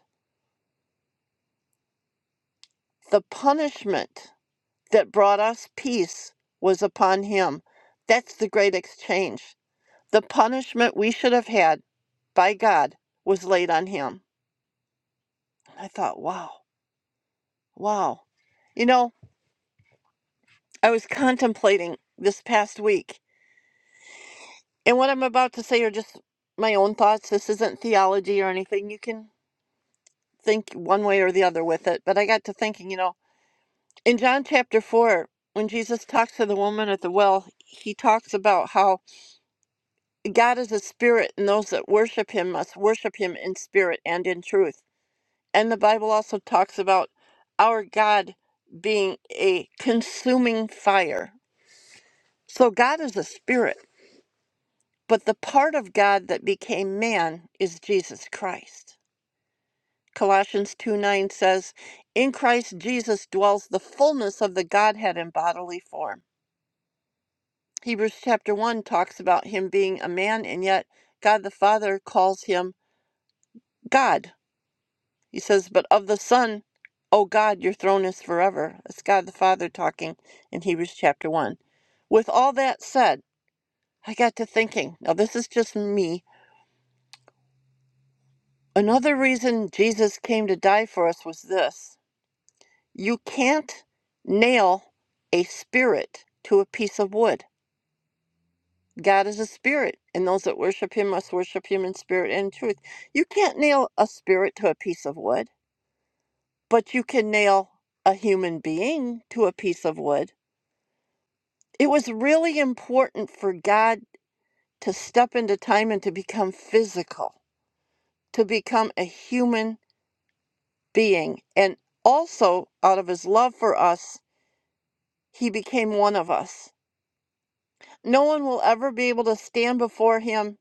[SPEAKER 1] The punishment that brought us peace was upon him. That's the great exchange. The punishment we should have had by God was laid on him. I thought, wow, wow. You know, I was contemplating this past week, and what I'm about to say are just my own thoughts. This isn't theology or anything. You can think one way or the other with it. But I got to thinking, you know, in John chapter 4, when Jesus talks to the woman at the well, he talks about how God is a spirit, and those that worship him must worship him in spirit and in truth. And the Bible also talks about our God being a consuming fire. So God is a spirit. But the part of God that became man is Jesus Christ. Colossians 2 9 says, In Christ Jesus dwells the fullness of the Godhead in bodily form. Hebrews chapter 1 talks about him being a man, and yet God the Father calls him God. He says, But of the Son, O God, your throne is forever. That's God the Father talking in Hebrews chapter 1. With all that said, I got to thinking, now this is just me Another reason Jesus came to die for us was this you can't nail a spirit to a piece of wood. God is a spirit, and those that worship him must worship him in spirit and in truth. You can't nail a spirit to a piece of wood, but you can nail a human being to a piece of wood. It was really important for God to step into time and to become physical, to become a human being. And also, out of his love for us, He became one of us. No one will ever be able to stand before him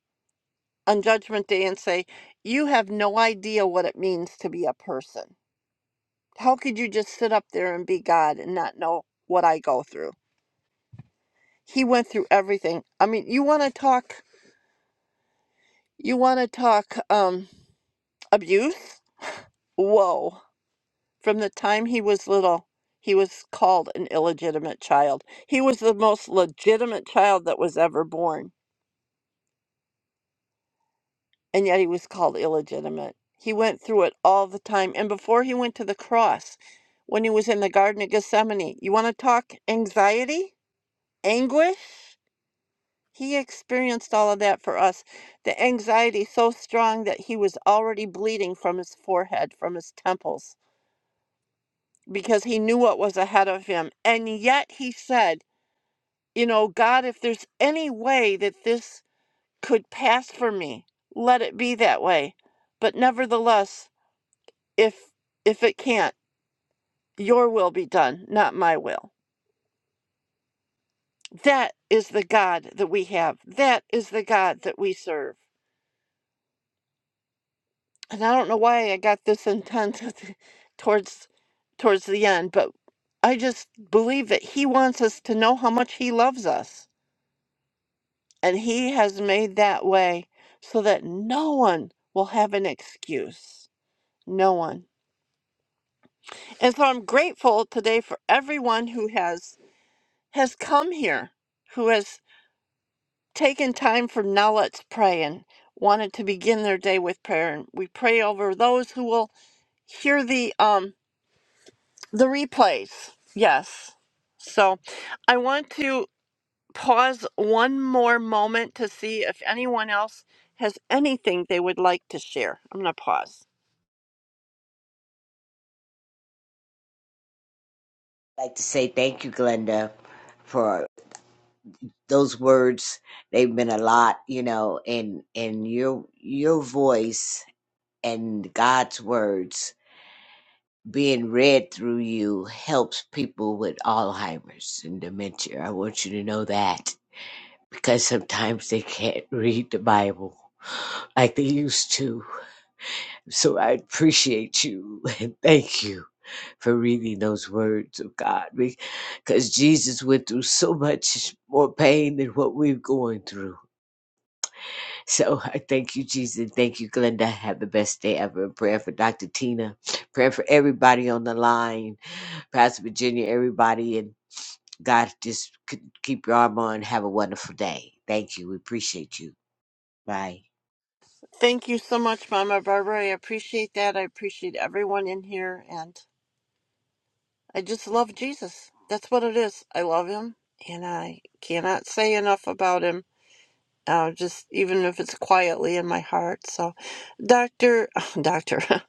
[SPEAKER 1] on Judgment Day and say, You have no idea what it means to be a person. How could you just sit up there and be God and not know what I go through? He went through everything. I mean, you want to talk, you want to talk um, abuse? Whoa. From the time he was little, he was called an illegitimate child. He was the most legitimate child that was ever born and yet he was called illegitimate. He went through it all the time. And before he went to the cross, when he was in the Garden of Gethsemane, you want to talk anxiety, anguish? He experienced all of that for us. The anxiety so strong that he was already bleeding from his forehead, from his temples, because he knew what was ahead of him. And yet he said, You know, God, if there's any way that this could pass for me, let it be that way. But nevertheless, if if it can't your will be done not my will that is the god that we have that is the god that we serve and i don't know why i got this intent towards towards the end but i just believe that he wants us to know how much he loves us and he has made that way so that no one will have an excuse no one and so i'm grateful today for everyone who has has come here who has. taking time for now let's pray and wanted to begin their day with prayer and we pray over those who will hear the um the replays yes so i want to pause one more moment to see if anyone else has anything they would like to share i'm going to pause
[SPEAKER 5] I'd like to say thank you, Glenda, for those words. They've been a lot, you know, and and your your voice and God's words being read through you helps people with Alzheimer's and dementia. I want you to know that because sometimes they can't read the Bible like they used to. So I appreciate you and thank you. for reading those words of God because Jesus went through so much more pain than what we're going through. So I thank you, Jesus. Thank you, Glenda. Have the best day ever. Prayer for Dr. Tina. Prayer for everybody on the line, Pastor Virginia, everybody. And God, just c- keep your arm on. Have a wonderful day. Thank you. We appreciate you. Bye.
[SPEAKER 1] thank you so much mama barbara i appreciate that i appreciate everyone in here and i just love jesus that's what it is i love him and i cannot say enough about him uh, just even if it's quietly in my heart. So, Doctor, Doctor,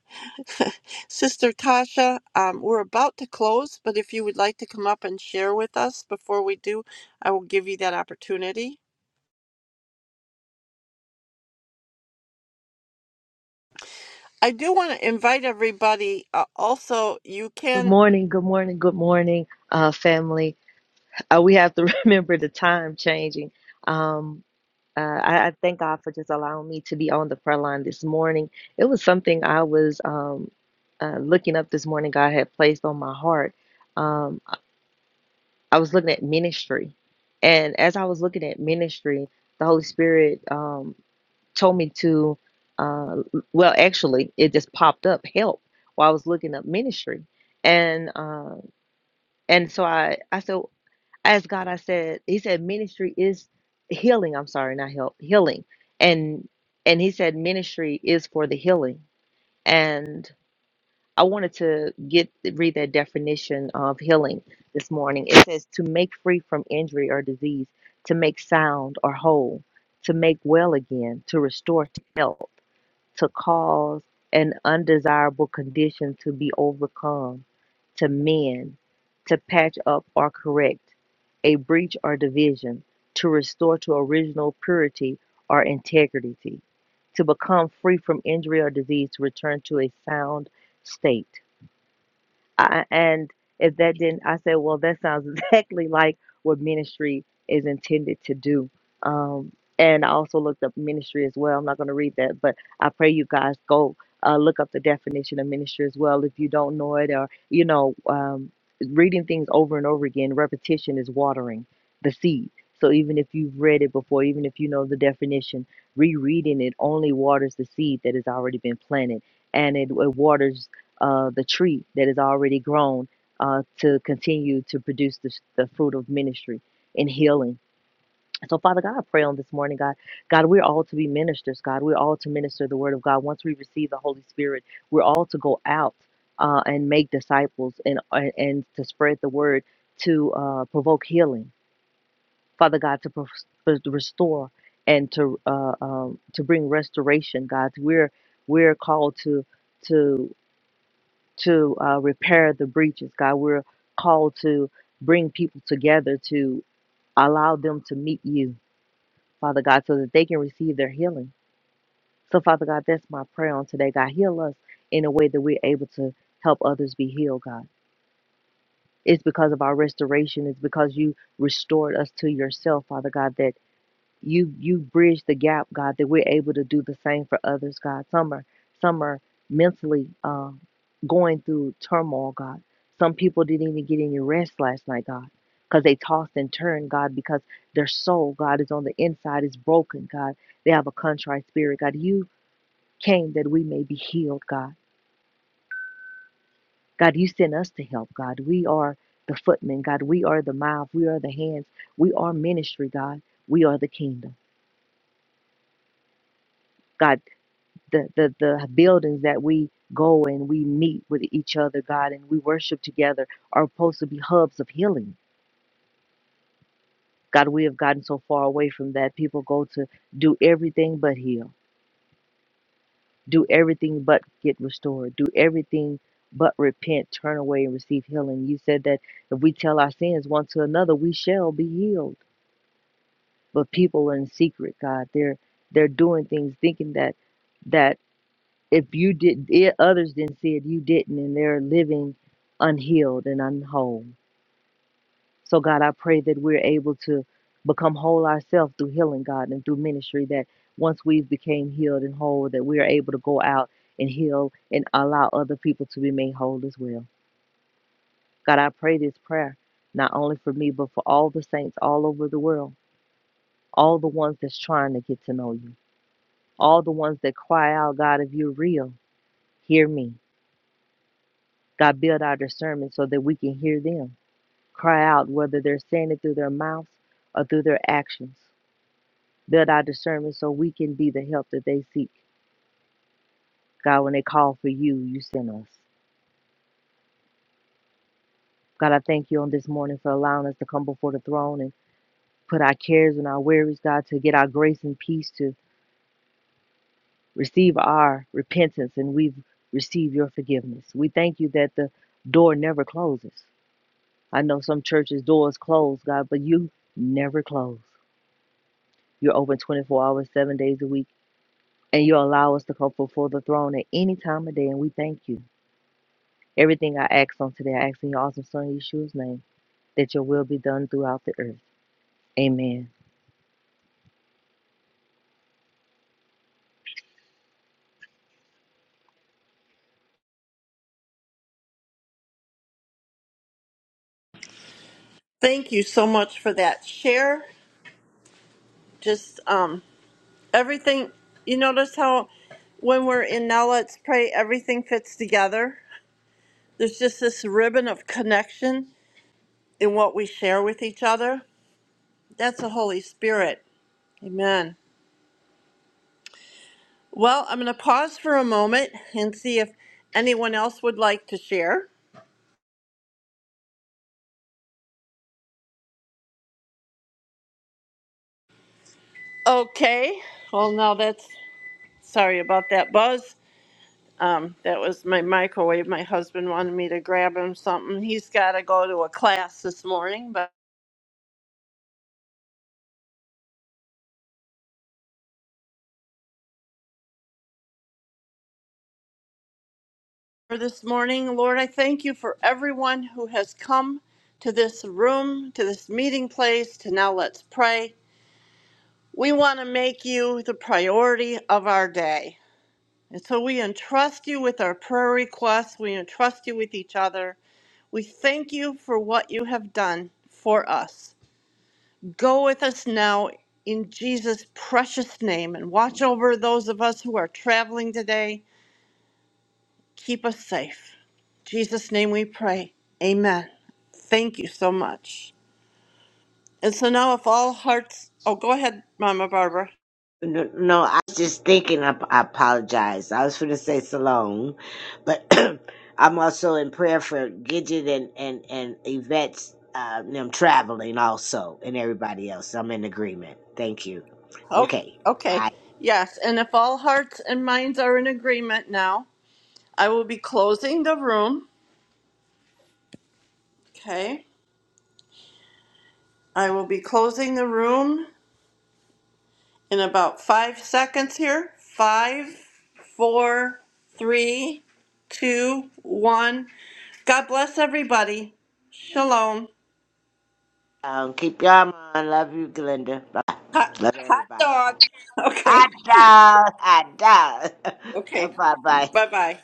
[SPEAKER 1] Sister Tasha, um, we're about to close, but if you would like to come up and share with us before we do, I will give you that opportunity. I do want to invite everybody. Uh, also, you
[SPEAKER 7] Good
[SPEAKER 1] can
[SPEAKER 7] morning, good morning, good morning, uh, family. Uh, we have to remember the time changing. Um, uh, I, I thank God for just allowing me to be on the prayer line this morning. It was something I was um, uh, looking up this morning, God had placed on my heart. Um, I I was looking at ministry. And as I was looking at ministry, the Holy Spirit um, told me to, uh, well, actually, it just popped up help while I was looking up ministry. And uh, and so I, I said, I asked God, I said, He said, ministry is healing. I'm sorry, not help, healing. And and He said, ministry is for the healing. And I wanted to get read that definition of healing this morning. It says to make free from injury or disease, to make sound or whole, to make well again, to restore to health to cause an undesirable condition to be overcome, to mend, to patch up or correct, a breach or division, to restore to original purity or integrity, to become free from injury or disease, to return to a sound state. I, and if that didn't, I said, well, that sounds exactly like what ministry is intended to do. Um, and I also looked up ministry as well. I'm not going to read that, but I pray you guys go uh, look up the definition of ministry as well if you don't know it, or you know, um, reading things over and over again. Repetition is watering the seed. So even if you've read it before, even if you know the definition, rereading it only waters the seed that has already been planted, and it, it waters uh, the tree that is already grown uh, to continue to produce the, the fruit of ministry and healing. So, Father God, I pray on this morning, God. God, we're all to be ministers, God. We're all to minister the word of God. Once we receive the Holy Spirit, we're all to go out uh, and make disciples and, and, and to spread the word to uh, provoke healing. Father God, to pro- to restore and to uh, um, to bring restoration, God. We're we're called to to to uh, repair the breaches, God. We're called to bring people together to allow them to meet you, Father God, so that they can receive their healing. So, Father God, that's my prayer on today, God. Heal us in a way that we're able to help others be healed, God. It's because of our restoration. It's because you restored us to yourself, Father God, that you you bridge the gap, God, that we're able to do the same for others, God. Some are some are mentally uh, going through turmoil, God. Some people didn't even get any rest last night, God, because they tossed and turned, God, because their soul, God, is on the inside, is broken, God. They have a contrite spirit, God. You came that we may be healed, God. God, you sent us to help, God. We are the footmen, God. We are the mouth. We are the hands. We are ministry, God. We are the kingdom. God, the, the the buildings that we go and we meet with each other, God, and we worship together are supposed to be hubs of healing. God, we have gotten so far away from that. People go to do everything but heal, do everything but get restored, do everything but repent, turn away and receive healing. You said that if we tell our sins one to another, we shall be healed. But people are in secret, God. They're they're doing things thinking that that if you did it, others didn't see it you didn't and they're living unhealed and unwhole so god i pray that we're able to become whole ourselves through healing god and through ministry that once we've became healed and whole that we are able to go out and heal and allow other people to be made whole as well god i pray this prayer not only for me but for all the saints all over the world all the ones that's trying to get to know you all the ones that cry out god if you're real hear me God, build our discernment so that we can hear them cry out, whether they're saying it through their mouths or through their actions. Build our discernment so we can be the help that they seek. God, when they call for you, you send us. God, I thank you on this morning for allowing us to come before the throne and put our cares and our worries, God, to get our grace and peace to receive our repentance and we've received your forgiveness. We thank you that the door never closes. I know some churches' doors close, God, but you never close. You're open 24 hours, seven days a week, and you allow us to come before the throne at any time of day, and we thank you. Everything I ask on today, I ask in your awesome Son, Yeshua's name, that your will be done throughout the earth. Amen.
[SPEAKER 1] thank you so much for that share. Just um, everything. You notice how when we're in now, let's pray. Everything fits together. There's just this ribbon of connection in what we share with each other. That's the Holy Spirit. Amen. Well, I'm going to pause for a moment and see if anyone else would like to share. Okay. Well, no, that's sorry about that buzz. Um, that was my microwave. My husband wanted me to grab him something. He's got to go to a class this morning. But for this morning, Lord, I thank you for everyone who has come to this room, to this meeting place, to now let's pray. We want to make you the priority of our day. And so we entrust you with our prayer requests. We entrust you with each other. We thank you for what you have done for us. Go with us now in Jesus' precious name and watch over those of us who are traveling today. Keep us safe. In Jesus' name we pray. Amen. Thank you so much. And so now, if all hearts, oh, go ahead, Mama Barbara.
[SPEAKER 5] No, no, I was just thinking. I, I apologize. I was going to say Salome, but I'm also in prayer for Gidget and and and Yvette's uh, them traveling also, and everybody else. I'm in agreement. Thank you.
[SPEAKER 1] Oh,
[SPEAKER 5] Okay,
[SPEAKER 1] okay.
[SPEAKER 5] bye.
[SPEAKER 1] Yes. And if all hearts and minds are in agreement now, I will be closing the room. Okay. I will be closing the room in about five seconds here. Five, four, three, two, one. God bless everybody. Shalom.
[SPEAKER 5] Um, keep your arm on. Love you, Glenda. Bye.
[SPEAKER 1] Hot,
[SPEAKER 5] Love
[SPEAKER 1] hot
[SPEAKER 5] everybody.
[SPEAKER 1] dog. Okay.
[SPEAKER 5] Hot dog, hot dog.
[SPEAKER 1] Okay.
[SPEAKER 5] Come bye.
[SPEAKER 1] Bye bye.